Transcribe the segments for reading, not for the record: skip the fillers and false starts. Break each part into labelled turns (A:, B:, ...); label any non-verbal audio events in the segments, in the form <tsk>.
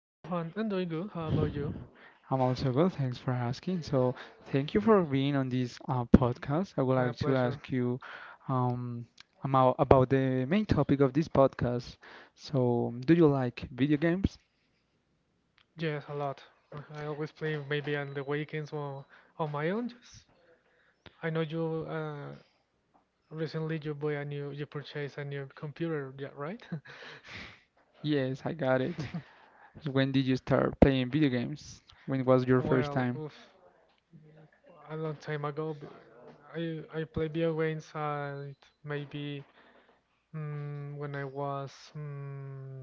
A: Hi Juan, I'm doing good. How about you?
B: I'm also good. Thanks for asking. Thank you for being on this podcast. I would
A: My
B: like to
A: pleasure.
B: ask you um, about the main topic of this podcast. So, do you like video games?
A: Yes, a lot. I always play maybe on the weekends or on my own. Yes. I know you recently you purchased a new computer, yeah, right? <laughs>
B: Yes, I got it. So, when did you start playing video games? When was your first
A: Well,
B: time?
A: oof, a long time ago, I played video games maybe when I was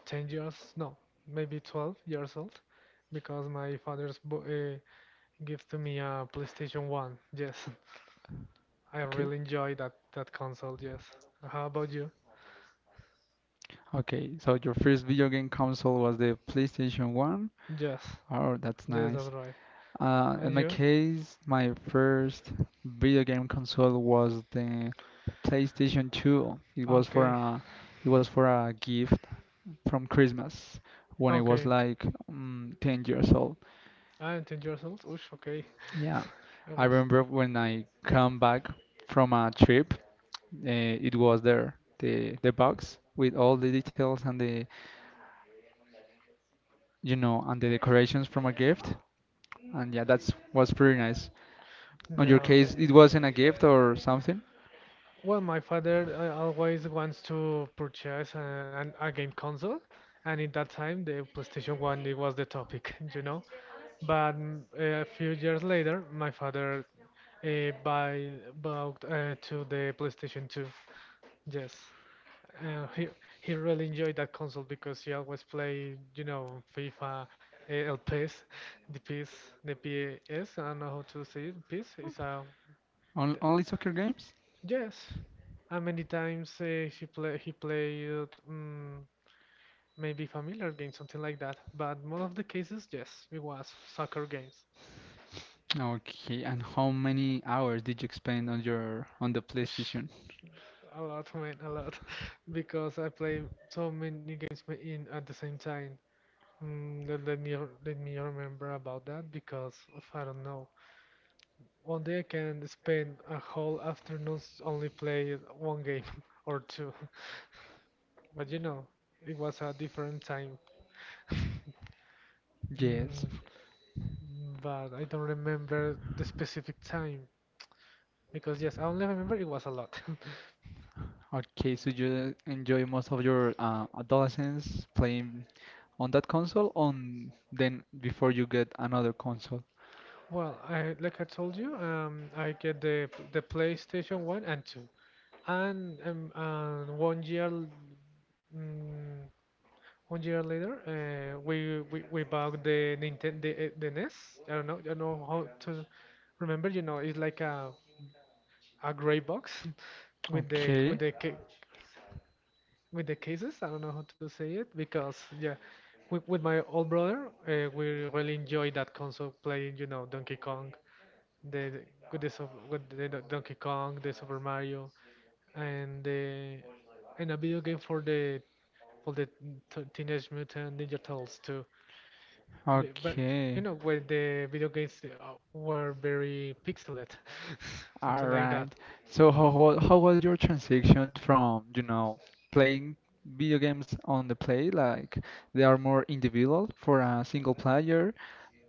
A: 10 years, no, maybe 12 years old, because my father's bo- gives to me a PlayStation 1. Yes, <laughs> I
B: Okay.
A: really enjoy that console, yes. How about you?
B: Okay, so your first video game console was the PlayStation 1?
A: Yes,
B: Oh, that's
A: yes,
B: nice.
A: that's right. And
B: In my
A: you?
B: case, my first video game console was the PlayStation 2.
A: Okay,
B: It was for a gift from Christmas when I was
A: okay.
B: like 10 years old.
A: I'm 10 years old. Oosh, okay.
B: Yeah,
A: <laughs> I
B: I
A: was.
B: remember when I come back from a trip, it was there the box with all the details and the and the decorations from a gift, and yeah, that's was pretty nice. On your
A: Yeah.
B: case, it wasn't a gift or something?
A: Well, my father always wants to purchase a game console, and in that time, the PlayStation 1 it was the topic, <laughs> you know. But a few years later, my father uh, buy, bought to the PlayStation 2. Yes. Uh, he he really enjoyed that console because he always play, you know, FIFA, LPS, the PS, the PS. I don't know how to say it. PS is a
B: On,
A: Th-
B: only soccer games?
A: Yes, and many times he played maybe familiar games, something like that. But most of the cases, yes, it was soccer games.
B: Okay, and how many hours did you spend on your on the
A: Sh-
B: PlayStation?
A: A lot, man, a lot, <laughs> because I play so many games in at the same time. Let me remember about that because of, I don't know. One day I can spend a whole afternoon only play one game <laughs> or two. <laughs> But you know, it was a different time.
B: Yes.
A: Mm, but I don't remember the specific time because yes, I only remember it was a lot. <laughs>
B: Okay, so you enjoy most of your adolescence playing on that console, on then before you get another console.
A: Well, I like I told you, I get the PlayStation One and Two, and and mm, One year later, we bought the Nintendo the NES. I don't know how to remember. You know, it's like a gray box <laughs> with
B: Okay.
A: with the cases. I don't know how to say it because yeah, with my old brother, we really enjoyed that console playing. You know, Donkey Kong, the the- with the Sup- with the Don- Donkey Kong, the Super Mario and the and a video game for for the Teenage Mutant Ninja Turtles too. But
B: Okay.
A: you know when the video games were very pixelated, <laughs>
B: All
A: something like
B: right.
A: that.
B: How was your transition from, you know, playing video games on the play, like they are more individual for a single player,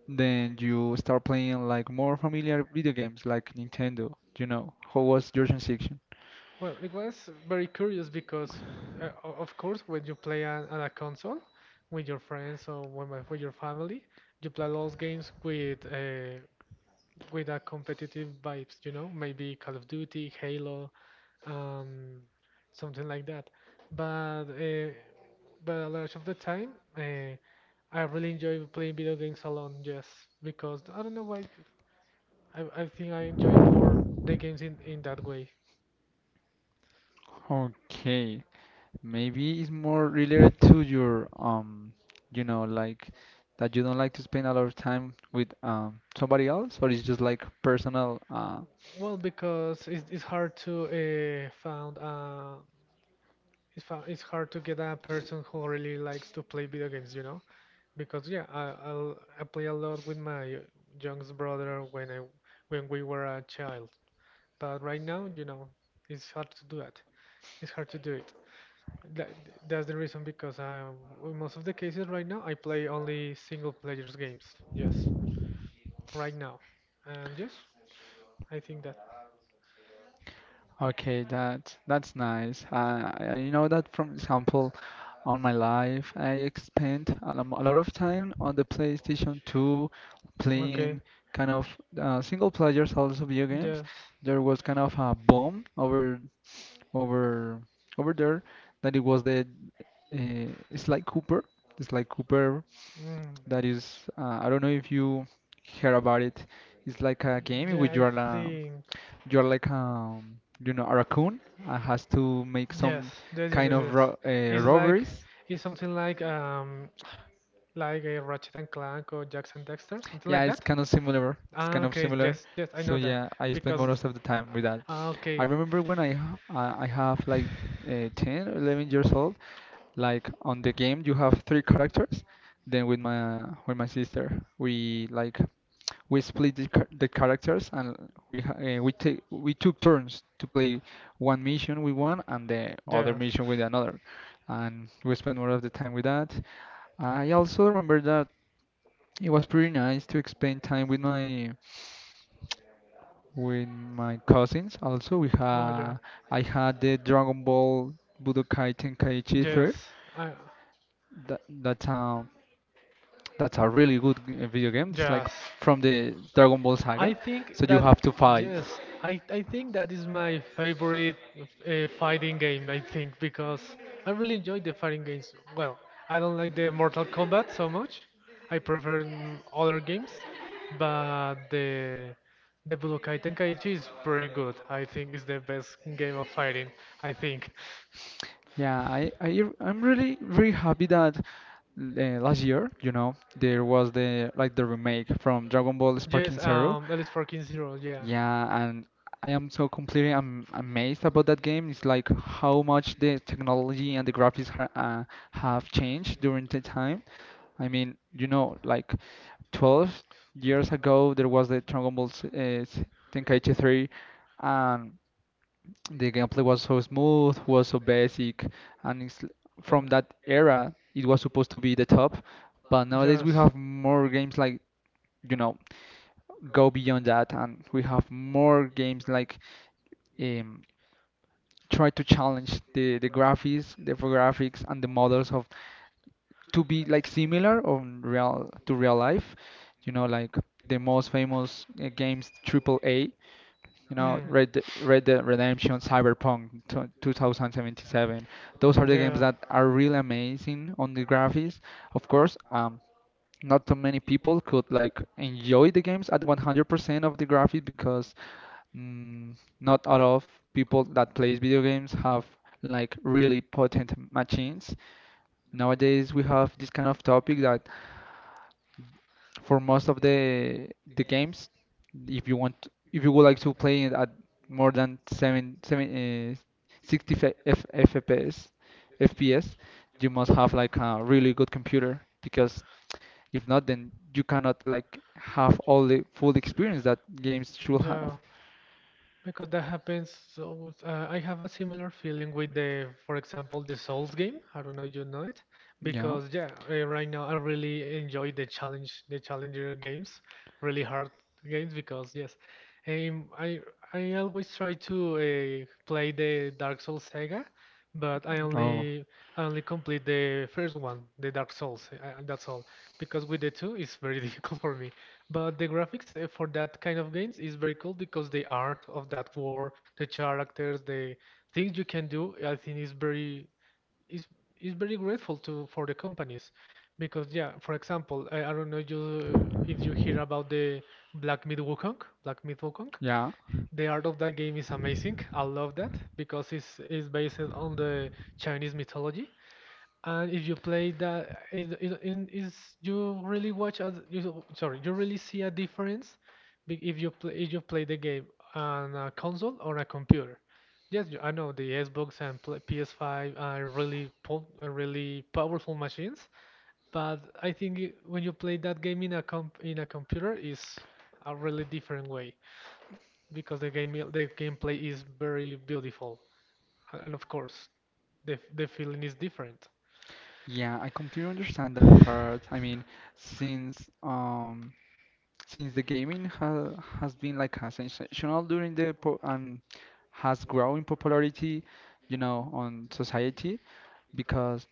B: then you start playing like more familiar video games like Nintendo, you know. How was your transition?
A: Well, it was very curious because, of course, when you play on a console with your friends with your family, you play those games with a competitive vibes, you know, maybe Call of Duty, Halo, um, something like that. But uh, but a lot of the time, uh, I really enjoy playing video games alone, just because I don't know why. I think I enjoy more the games in that way.
B: Okay, maybe it's more related to your you know, like, that you don't like to spend a lot of time with somebody else, or it's just like personal
A: Well, it's hard to find a. It's hard to get a person who really likes to play video games, you know? Because yeah, I play a lot with my youngest brother when we were a child. But right now, you know, it's hard to do that. It's hard to do it. That, that's the reason because I, in most of the cases right now, I play only single players games. Yes, right now, and yes, I think that.
B: okay, that that's nice. I know that from example. On my life, I spent a lot of time on the PlayStation 2 playing
A: Okay.
B: kind of single players also video games.
A: Yes.
B: There was kind of a boom over over there that it was the Sly Cooper. Sly Cooper,
A: Mm.
B: that is I don't know if you hear about it. It's like a game in
A: Yeah,
B: which
A: I think.
B: you are like you know a raccoon and has to make
A: Yes.
B: some
A: Yes. Yes.
B: kind
A: Yes.
B: of
A: yes.
B: ro
A: It's
B: robberies.
A: it's something like like a Ratchet and Clank or Jackson Dexter, something
B: Yeah,
A: like
B: it's
A: that?
B: kind of similar.
A: Ah, okay, yes, yes, I know
B: So
A: that.
B: yeah, I spend
A: Because,
B: most of the time with that.
A: ah,
B: I
A: okay,
B: remember when I have like 10 or 11 years old, like on the game you have three characters. Then with my sister, we like we split the characters, and we ha- we take we took turns to play one mission with one and the other
A: yeah.
B: mission with another, and we spend more of the time with that. I also remember that it was pretty nice to spend time with my cousins. Also, we
A: Oh, yeah.
B: had I had the Dragon Ball Budokai Tenkaichi 3.
A: Yes, I,
B: That that's um that's a really good video game. It's
A: Yes.
B: like from the Dragon Ball
A: I
B: saga,
A: think
B: so you
A: that
B: have to fight.
A: yes, I think that is my favorite fighting game. I think because I really enjoy the fighting games. Well, I don't like the Mortal Kombat so much. I prefer other games, but the Budokai Tenkaichi is pretty good. I think it's the best game of fighting. I think.
B: Yeah, I'm really really happy that last year, you know, there was
A: <laughs>
B: the like the remake from Dragon Ball
A: Yes,
B: Sparking Zero.
A: that is 4.0, yeah.
B: Yeah, and I am so completely am amazed about that game. It's like how much the technology and the graphics ha have changed during the time. I mean, you know, like 12 years ago, there was the Dragon Ball Z- Z- Tenkaichi 3, and the gameplay was so smooth, was so basic, and
A: And
B: from that era, it was supposed to be the top. But nowadays, we
A: yes.
B: have more games like, you know, go beyond that, and we have more games like um, try to challenge the graphics, the infographics, and the models of to be like similar on real to real life. You know, like the most famous games triple A. You know,
A: Mm.
B: Red Dead Redemption, Cyberpunk 2077. Those are the games
A: Mm,
B: that are really amazing on the graphics. Of course, not so many people could like enjoy the games at 100% of the graphics because mm, not a lot of people that plays video games have like really potent machines. Nowadays we have this kind of topic that for most of the
A: Yeah.
B: games, if you would like to play it at more than 60 FPS, FPS, you must have like a really good computer because if not, then you cannot like have all the full experience that games should
A: Yeah.
B: have.
A: Because that happens, so I have a similar feeling with for example, the Souls game. I don't know if you know it,
B: Yeah.
A: because yeah, right now I really enjoy the challenge, the challenger games, really hard games. Because yes, um, I I always try to play the Dark Souls saga, but
B: Oh,
A: I only complete the first one, the Dark Souls. That's all, because with the two it's very <laughs> difficult for me. But the graphics for that kind of games is very cool because the art of that war, the characters, the things you can do, I think is is very grateful to for the companies. Because yeah, for example, I don't know you if you hear about the Black Myth Wukong.
B: yeah.
A: The art of that game is amazing. I love that because it's based on the Chinese mythology and if you play that, is- you really sorry, you really see a difference if you play the game on a console or a computer. Yes, you- I know the Xbox and pl PS5 are really po are really powerful machines, but I think when you play that game in a computer is a really different way because the gameplay is very beautiful, and of course the feeling is different.
B: Yeah, I completely understand that part. I mean, since um since the gaming ha has been like a sensational during the po and has grown in popularity, you know, on society, because.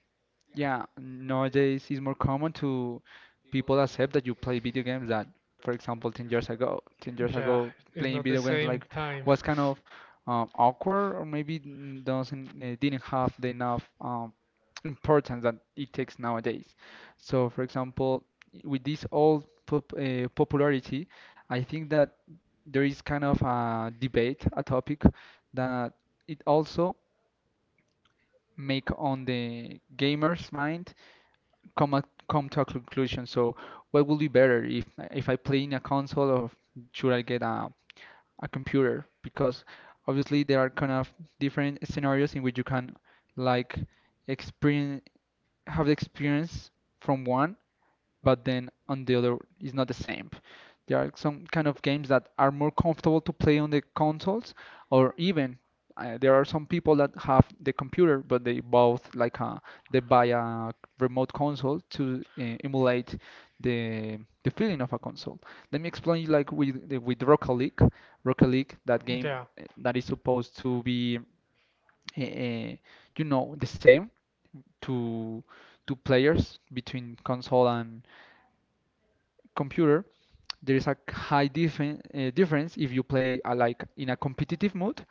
B: Yeah, nowadays it's more common to people accept that you play video games that, for example, 10 years
A: Yeah,
B: ago, playing video games like was kind of
A: <laughs>
B: awkward or maybe n- doesn't didn't have the enough importance that it takes nowadays. So, for example, with this old popularity, I think that there is kind of a debate, a topic that it also make on the gamer's mind come to a conclusion. So what will be better, if I play in a console or should I get a computer? Because obviously there are kind of different scenarios in which you can like experience have the experience from one but then on the other it's not the same. There are some kind of games that are more comfortable to play on the consoles, or even there are some people that have the computer, but they both like they buy a remote console to emulate the the feeling of a console. Let me explain you like with Rocket League, Rocket League, that game that is supposed to be uh, uh, you know, the same to to players between console and computer, there's a high difference if you play like in a competitive mode,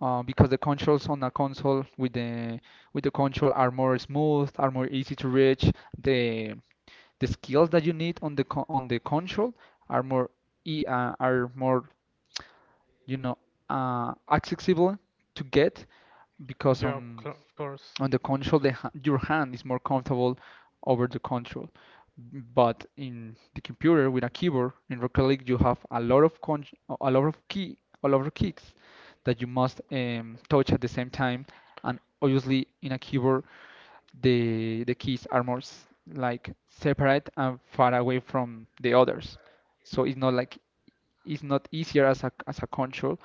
B: because the controls on a console with the control are more smooth, are more easy to reach the the skills that you need on on the control are more are more, you know, accessible to get, because
A: console, of course.
B: on the console, the your hand is more comfortable over the console. But in the computer with a keyboard in Rocket League, you have a lot of a lot of kicks that you must touch at the same time. And obviously, in a keyboard, the keys are more like separate and far away from the others. So it's not like it's not easier as a control.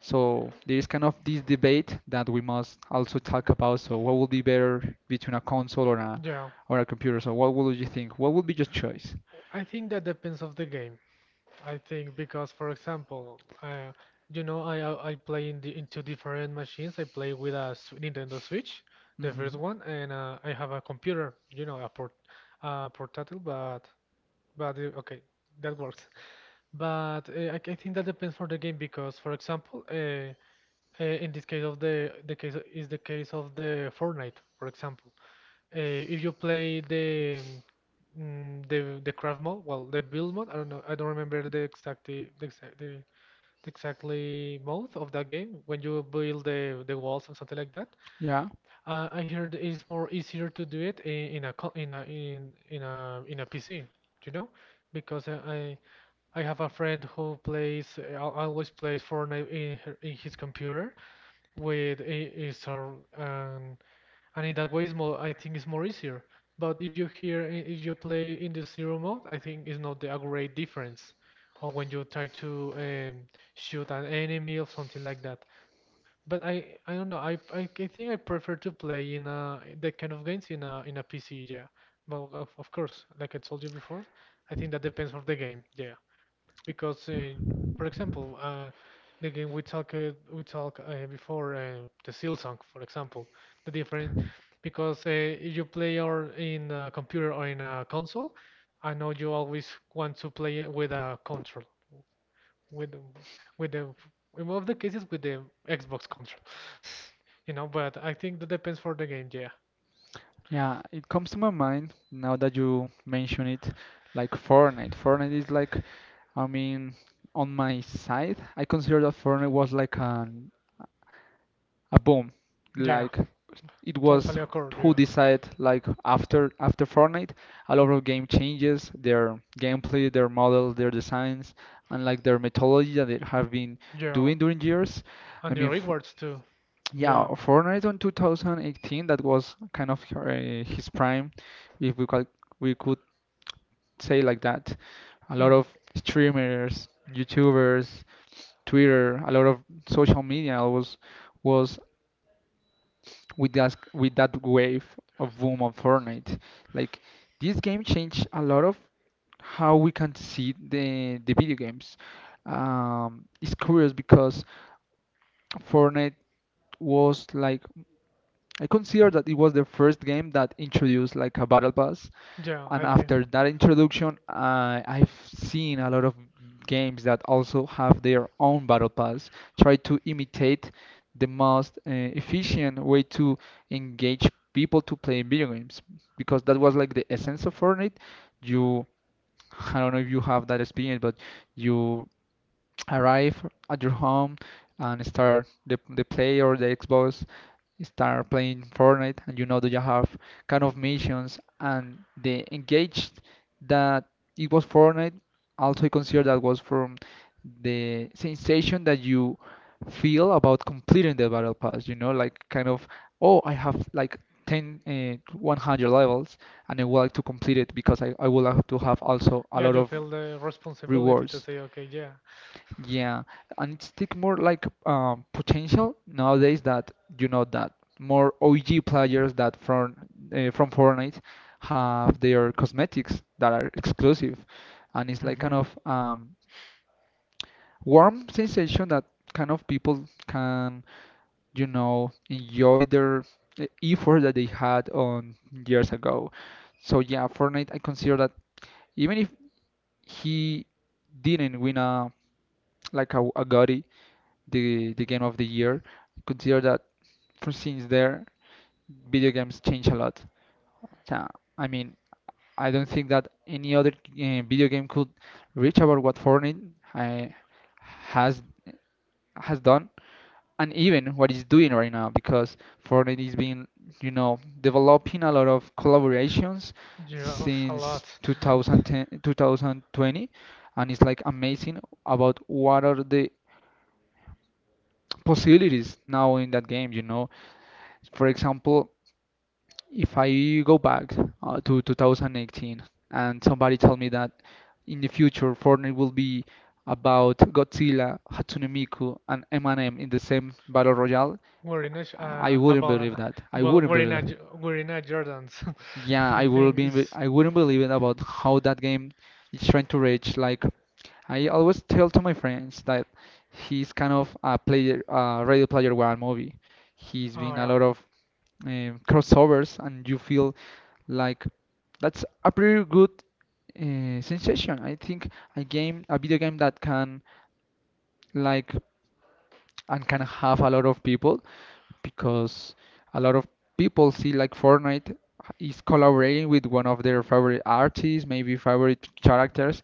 B: So there is kind of this debate that we must also talk about. So what would be better between a console
A: Yeah,
B: or a computer? So what would you think? What would be your choice?
A: I think that depends of the game. I think because, for example, you know, I play in two different machines. I play with Nintendo Switch, the
B: Hmm.
A: first one, and I have a computer, you know, a portátil, but okay, that works. But I think that depends for the game because, for example, in this case of the case is the case of the Fortnite, for example. If you play the craft mode, well, the build mode. I don't know. I don't remember the exactly the exact the exactly mode of that game when you build the walls and something like that.
B: Yeah,
A: I heard it's more easier to do it in a co- in a PC, you know, because I have a friend who plays always plays Fortnite in in his computer with a star and in that way it's more I think it's more easier. But if you play in the zero mode, I think it's not the a great difference or when you try to shoot an enemy or something like that. But I don't know, I, I think I prefer to play in a that kind of games in a PC yeah. But of course, like I told you before, I think that depends on the game yeah. Because, for example, the game we talked we talk before the Silsong, for example, the different because if you play or in a computer or in a console, I know you always want to play it with a control, with the- with the in one of the cases with the Xbox control, <laughs> you know. But I think that depends for the game. Yeah,
B: yeah, it comes to my mind now that you mention it, like Fortnite. Fortnite is like, I mean, on my side, I consider that Fortnite was like an a boom.
A: yeah.
B: Like it was
A: Totally occurred,
B: who
A: yeah.
B: decided like after Fortnite, a lot of game changes their gameplay, their models, their designs, and like their methodology that they have been
A: Yeah.
B: doing during years. I
A: And the
B: mean, f
A: rewards too.
B: Yeah,
A: Yeah.
B: Fortnite on 2018, that was kind of his prime, if we could say like that. A lot
A: Hmm.
B: of streamers, YouTubers, Twitter, a lot of social media was with that wave of boom of Fortnite. Like this game changed a lot of how we can see the video games. It's curious because Fortnite was like, I consider that it was the first game that introduced like a battle pass,
A: Yeah,
B: and
A: I think.
B: after that introduction, I I've seen a lot of games that also have their own battle pass, try to imitate the most efficient way to engage people to play video games, because that was like the essence of Fortnite. You, I don't know if you have that experience, but you arrive at your home and start the play or the Xbox, start playing Fortnite and you know that you have kind of missions and the engaged that it was Fortnite. Also consider that was from the sensation that you feel about completing the battle pass, you know, like kind of, oh, I have like 10 uh, 100 levels and I would like to complete it because I would like to have also a
A: Yeah,
B: lot
A: you
B: of
A: feel the responsibility to
B: rewards.
A: say, okay, yeah,
B: Yeah, and it's take more like potential nowadays that you know that more OG players that from Fortnite have their cosmetics that are exclusive, and it's like kind
A: hmm.
B: of warm sensation that kind of people can, you know, enjoy their effort that they had on years ago. So yeah, Fortnite, I consider that even if he didn't win a a GOTY, the game of the year. Consider that for since there, video games change a lot. Yeah, I mean, I don't think that any other video game could reach about what Fortnite uh, has has done and even what it's doing right now, because Fortnite is being, you know, developing a lot of collaborations
A: You have a
B: since
A: lot.
B: 2010, 2020, and it's like amazing about what are the possibilities now in that game, you know. For example, if I go back to 2018 and somebody tell me that in the future Fortnite will be about Godzilla, Hatsune Miku, and Eminem in the same battle royale,
A: We're in a sh-
B: I
A: uh,
B: wouldn't
A: about
B: believe
A: uh,
B: that. I wouldn't
A: we're in
B: believe
A: a
B: that.
A: Jordans. <laughs>
B: Yeah,
A: I
B: I would
A: think
B: be.
A: is
B: I wouldn't believe it about how that game is trying to reach. Like, I always tell to my friends that he's kind of a player, Ready Player One movie. He's
A: oh
B: been a
A: yeah.
B: lot of crossovers, and you feel like that's a pretty good sensation. I think a game, a video game that can, like, and can have a lot of people, because a lot of people see like Fortnite is collaborating with one of their favorite artists, maybe favorite characters,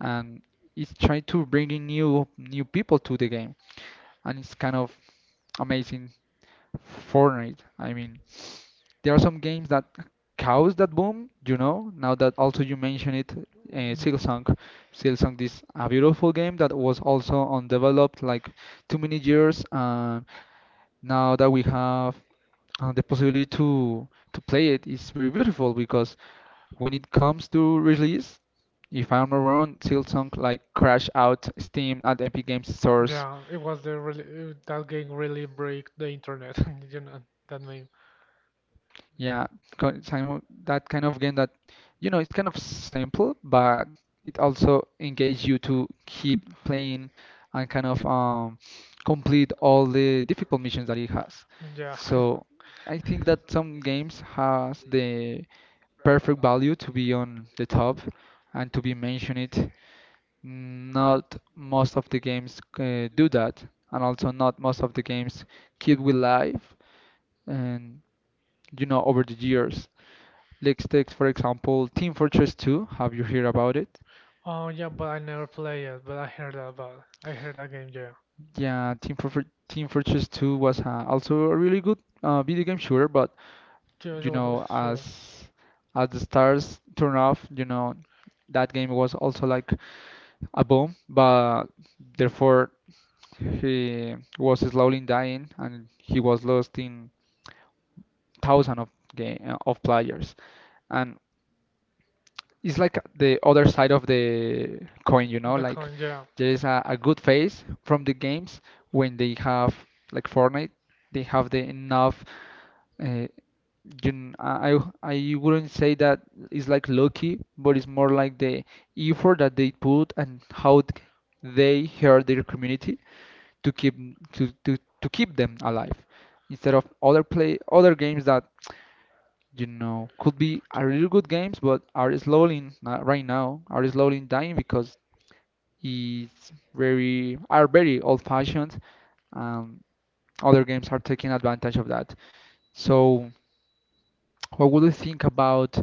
B: and it's trying to bring in new people to the game, and it's kind of amazing. Fortnite, I mean. There are some games that caused that boom, you know. Now that also you mention it, Silksong, Silksong is a beautiful game that was also
A: Mm.
B: undeveloped like too many years, and now that we have the possibility to play it, it's very beautiful because when it comes to release, if I'm not wrong, Silksong like crashed out Steam and Epic Games stores.
A: Yeah, it was the really that game really break the internet. <laughs> You know that meme.
B: Yeah, some of that kind of game that, you know, it's kind of simple, but it also engages you to keep playing and kind of complete all the difficult missions that it has.
A: Yeah. <laughs>
B: So I think that some games has the perfect value to be on the top and to be mentioned. It. Not most of the games do that, and also not most of the games keep with life and, you know, over the years. Let's take, for example, Team Fortress 2. Have you heard about it?
A: Oh yeah, but I never play it. But I heard about. I heard that game. Yeah.
B: Yeah, Team Fortress 2 was also a really good video game shooter, but
A: Ju-
B: you
A: ju-
B: know,
A: Sure.
B: as the stars turn off, you know, that game was also like a bomb, but therefore he was slowly dying and he was lost in thousands of game of players. And it's like the other side of the coin, you
A: On
B: know,
A: the
B: like
A: coin. Yeah.
B: there is a good phase from the games when they have, like Fortnite, they have the enough uh, I wouldn't say that it's like lucky, but it's more like the effort that they put and how they hurt their community to keep to keep them alive instead of other games that, you know, could be a really good games, but are slowly not right now are slowly dying because it's very old-fashioned. Um, Other games are taking advantage of that. So, what would you think about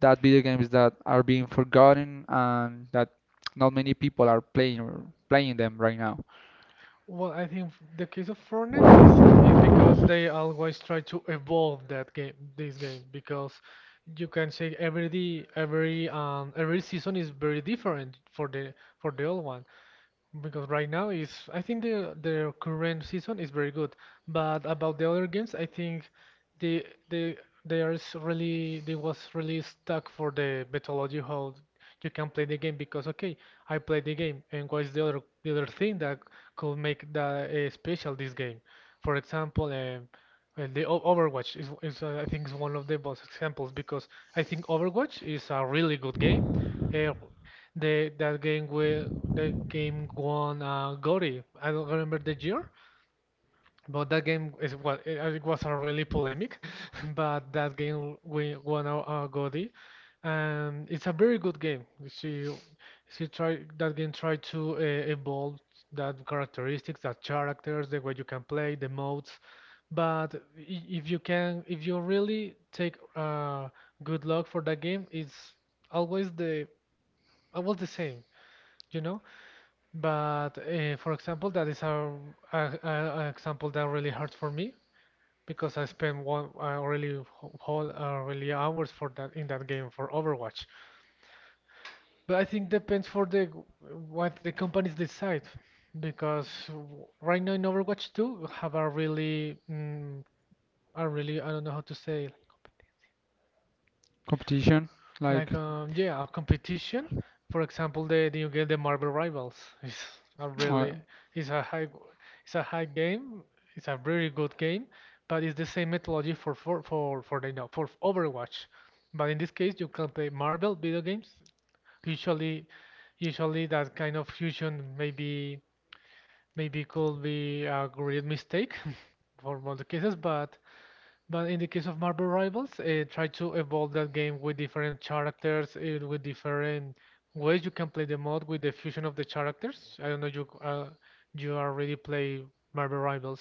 B: that video games that are being forgotten and that not many people are playing or playing them right now?
A: Well, I think the case of Fortnite it's because they always try to evolve this game, because you can say every day, every season is very different for the old one. Because right now is I think the their current season is very good, but about the other games, I think they they they are really they was really stuck for the methodology how you can play the game because okay I played the game and what is the other thing that could make that special this game? For example, well, Overwatch is I think is one of the best examples because I think Overwatch is a really good game. Uh, the that game will that game won Gory. I don't remember the year, but that game it was a really polemic. <laughs> But that game we won a Gory, and it's a very good game. She tried that game tried to evolve that characteristics, that characters, the way you can play, the modes. If you can, if you really take good luck for that game, it's always the always the same you know but for example, that is a example that really hurt for me because I spent one whole really hours for that in that game for Overwatch. But I think depends for the what the companies decide because right now in Overwatch 2 we have a a really, I don't know how to say it.
B: Competition, like,
A: Like yeah, a competition. For
B: <tsk>
A: example, you get the Marvel Rivals. It's a
B: uh,
A: really, it's a high it's a high game. It's a very good game, but it's the same methodology for the no, for Overwatch. But in this case, you can play Marvel video games. Usually, usually that kind of fusion, maybe could be a great mistake <laughs> for most cases, but. But in the case of Marvel Rivals, try to evolve that game with different characters, with different ways you can play the mod with the fusion of the characters. I don't know, you already play Marvel Rivals.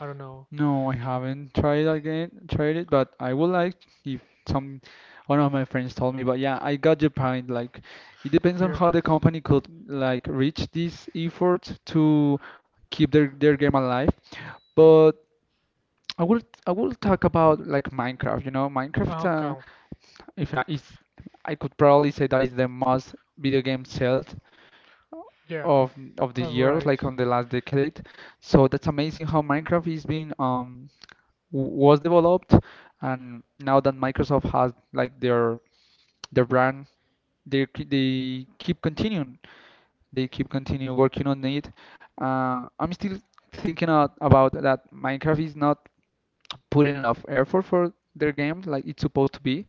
A: I don't know.
B: No, I haven't tried it, but I would like if some one of my friends told me. But yeah, I got your point. Like, it depends on
A: Yeah.
B: how the company could like reach this effort to keep their game alive. But I will I will talk about like Minecraft. You know, Minecraft.
A: Okay.
B: If I, is I could probably say that is the most video game sold
A: Yeah.
B: of the
A: All
B: years,
A: right.
B: like on the last decade. So that's amazing how Minecraft is being was developed, and now that Microsoft has like their brand, they they keep continuing they keep continue working on it. I'm still thinking out about that Minecraft is not putting enough effort for their game, like it's supposed to be,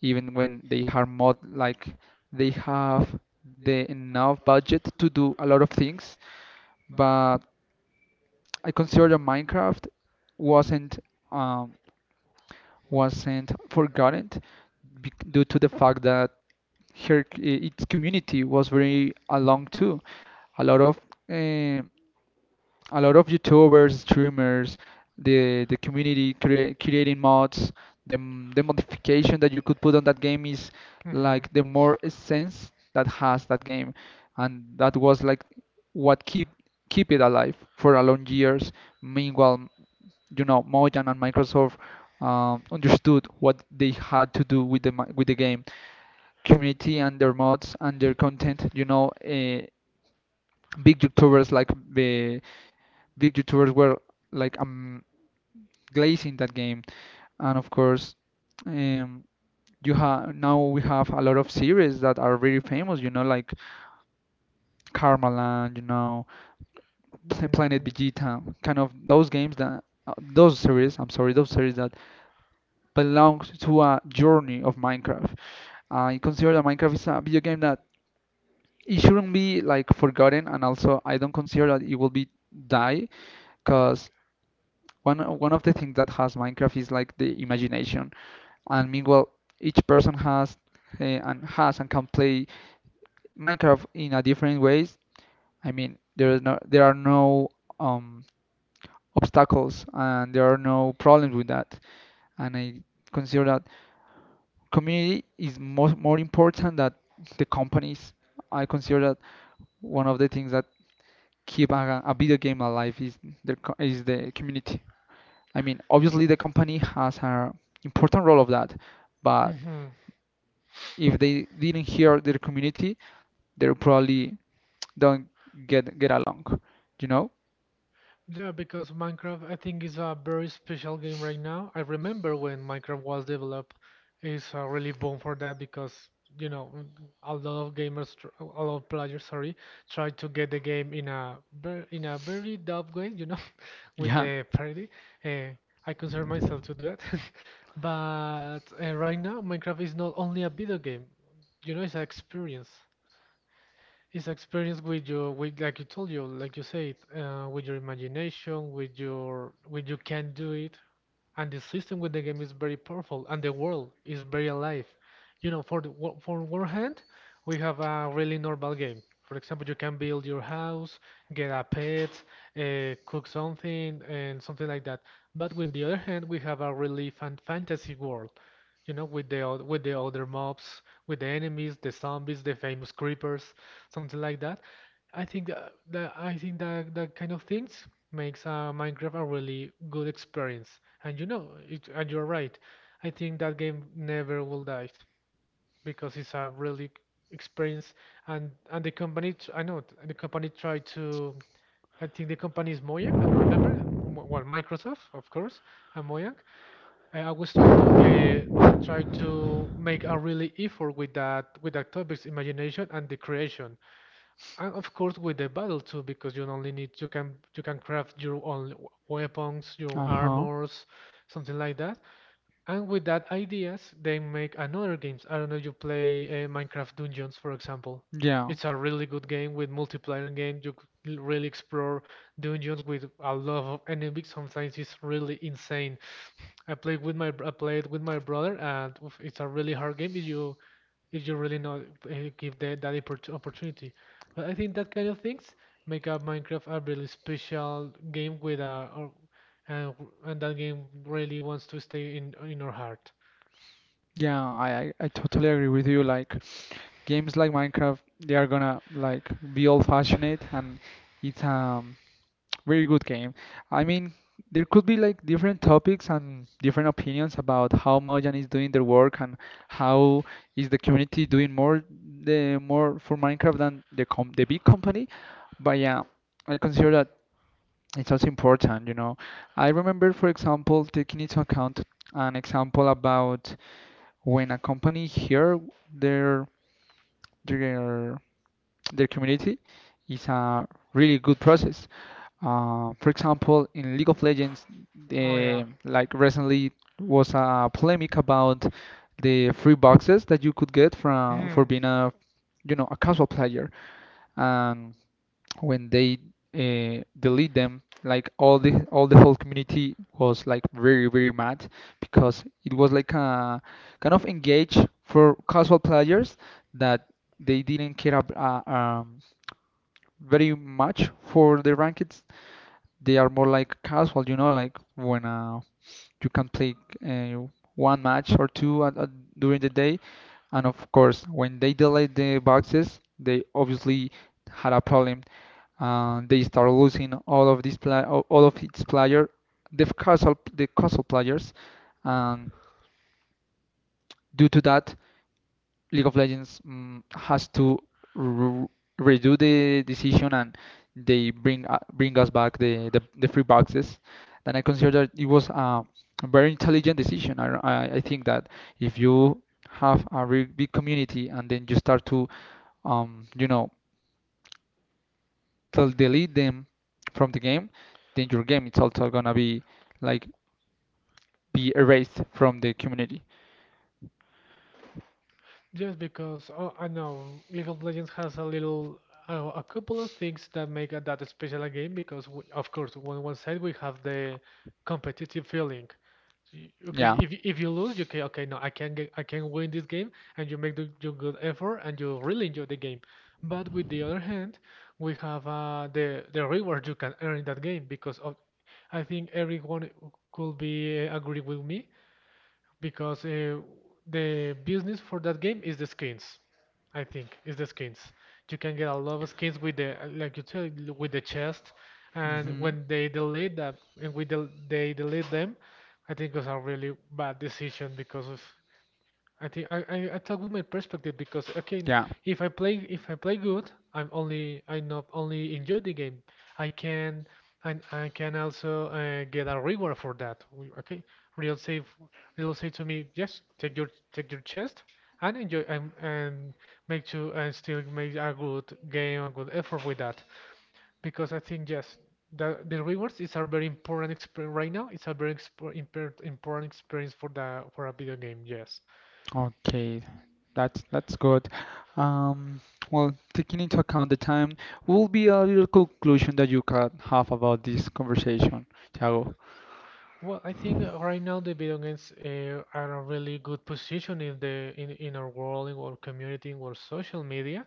B: even when they have mod, like they have the enough budget to do a lot of things, but I consider that Minecraft wasn't um, wasn't forgotten due to the fact that its community was very along too. A lot of eh, a lot of YouTubers, streamers, the community creating mods. The modification that you could put on that game is
A: Hmm.
B: like the more essence that has that game, and that was like what keep it alive for a long years. Meanwhile, you know, Mojang and Microsoft understood what they had to do with the game community and their mods and their content. You know, big YouTubers like the big YouTubers were like glazing that game, and of course, um, you have now we have a lot of series that are very famous. You know, like Karmaland, you know, Planet Vegeta, kind of those games that. Those series, I'm sorry, those series that belongs to a journey of Minecraft. I consider that Minecraft is a video game that it shouldn't be like forgotten, and also I don't consider that it will be die, because one of the things that has Minecraft is like the imagination, and meanwhile each person has and can play Minecraft in a different ways. I mean, there are no um obstacles and there are no problems with that, and I consider that community is more important than the companies. I consider that one of the things that keep a video game alive is is the community. I mean, obviously the company has an important role of that, but
A: Mm-hmm.
B: if they didn't hear their community, they probably don't get along, you know?
A: Yeah, because Minecraft I think is a very special game right now. I remember when Minecraft was developed, it's really boom for that because you know mm, a lot of gamers, a lot of players, sorry, try to get the game in a in a very dub way, you know, <laughs> with
B: Yeah.
A: the parody. Uh, I consider myself to do that, <laughs> but right now Minecraft is not only a video game, you know, it's an experience. It's experience with your, with like you told you, like you said, with your imagination, with your, with you can do it, and the system with the game is very powerful and the world is very alive, you know. For the for one hand, we have a really normal game. For example, you can build your house, get a pet, cook something and something like that. But with the other hand, we have a really fantasy world, you know, with the with the other mobs, with the enemies, the zombies, the famous creepers, something like that. I think that kind of things makes Minecraft a really good experience. And you know, it, and you're right. I think that game never will die because it's a really experience. And the company, I know the company tried to. I think the company is Mojang. I don't remember. Well, Microsoft, of course, and Mojang. I always try to try to make a really effort with that, with that topic's imagination and the creation. And of course with the battle too, because you only need you can, you can craft your own weapons, your
B: Uh-huh.
A: armors, something like that. And with that ideas, they make another games. I don't know, you play Minecraft Dungeons, for example.
B: Yeah.
A: It's a really good game with multiplayer game. You really explore dungeons with a lot of enemies. Sometimes it's really insane. I played with my I played with my brother, and oof, it's a really hard game. If you really not give the, that opportunity. But I think that kind of things make up Minecraft a really special game with a or, and, and that game really wants to stay in our heart.
B: Yeah, I totally agree with you. Like games like Minecraft, they are gonna like be old-fashioned, and it's a <tsk> very good game. I mean, there could be like different topics and different opinions about how Mojang is doing their work, and how is the community doing more for Minecraft than the big company. But yeah, I consider that it's also important, you know. I remember, for example, taking into account an example about when a company hear their their their community is a really good process. For example, in League of Legends,
A: Oh yeah.
B: like recently was a polemic about the free boxes that you could get from for
A: Mhm.
B: being a, you know, a casual player. And when they delete them, like all the whole community was like very mad because it was like a kind of engage for casual players that they didn't very much for the rankings. They are more like casual, you know, like when you can play uh, one match or two during the day, and of course when they delete the boxes they obviously had a problem, and they start losing all of its player, the casual players, and due to that, League of Legends has to re- redo the decision and they bring us back the free boxes. Then I consider that it was a very intelligent decision. I think that if you have a really big community and then you start to you know to delete them from the game, then your game it's also gonna be like be erased from the community.
A: Just because, oh, I know League of Legends has a little, a couple of things that make that a special a game because, we, of course, on one side we have the competitive feeling. Okay,
B: Yeah.
A: if you lose, you can okay, no, I can get, I can win this game, and you make the, your good effort and you really enjoy the game. But with the other hand, we have the reward you can earn in that game, because of, I think everyone could be agree with me because the business for that game is the skins. I think is the skins. You can get a lot of skins with the like you said, with the chest, and when they delete that and we del they delete them, I think it was a really bad decision, because of I think I talk with my perspective because okay, if I play good, I not only enjoy the game. I can, I can also get a reward for that. Okay, real say f- real say to me, yes, take your chest and enjoy, and make you and still make a good game, a good effort with that. Because I think yes, the rewards is a very important experience right now. It's a very exp important experience for the, for a video game. Yes.
B: Okay, that's good. Um, well, taking into account the time, what will be a little conclusion that you can have about this conversation, Thiago?
A: Well, I think right now the video games are a really good position in the, in our world, in our community, in our social media,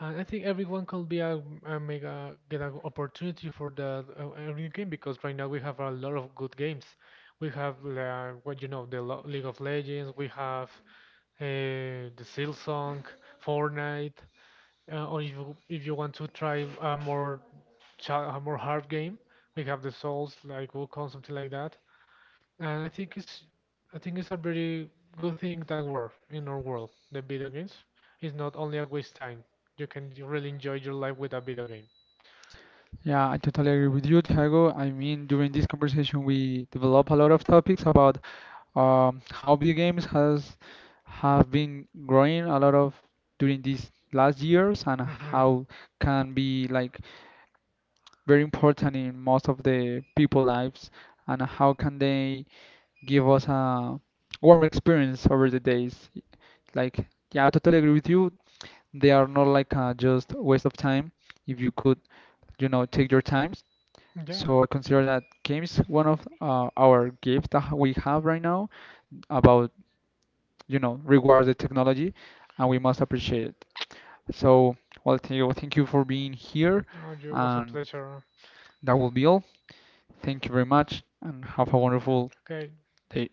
A: and I think everyone could be a make a get an opportunity for the a new game because right now we have a lot of good games. We have what you know, the League of Legends. We have uh, the Silksong, Fortnite, or if you want to try a more a more hard game, we have the Souls like Wukong, something like that. And I think it's a very good thing that we're in our world. The video games is not only a waste time. You can really enjoy your life with a video game.
B: Yeah, I totally agree with you, Thiago. I mean, during this conversation, we develop a lot of topics about how video games has have been growing a lot of during these last years, and
A: Hmm.
B: how can be like very important in most of the people lives, and how can they give us a warm experience over the days. Like, yeah, I totally agree with you. They are not like just waste of time if you could, you know, take your times.
A: Yeah.
B: So I consider that games one of our gifts that we have right now about, you know, rewards the technology, and we must appreciate it. So, well, thank you for being here,
A: Oh, it was a
B: and
A: pleasure.
B: that will be all. Thank you very much, and have a wonderful
A: Okay.
B: day.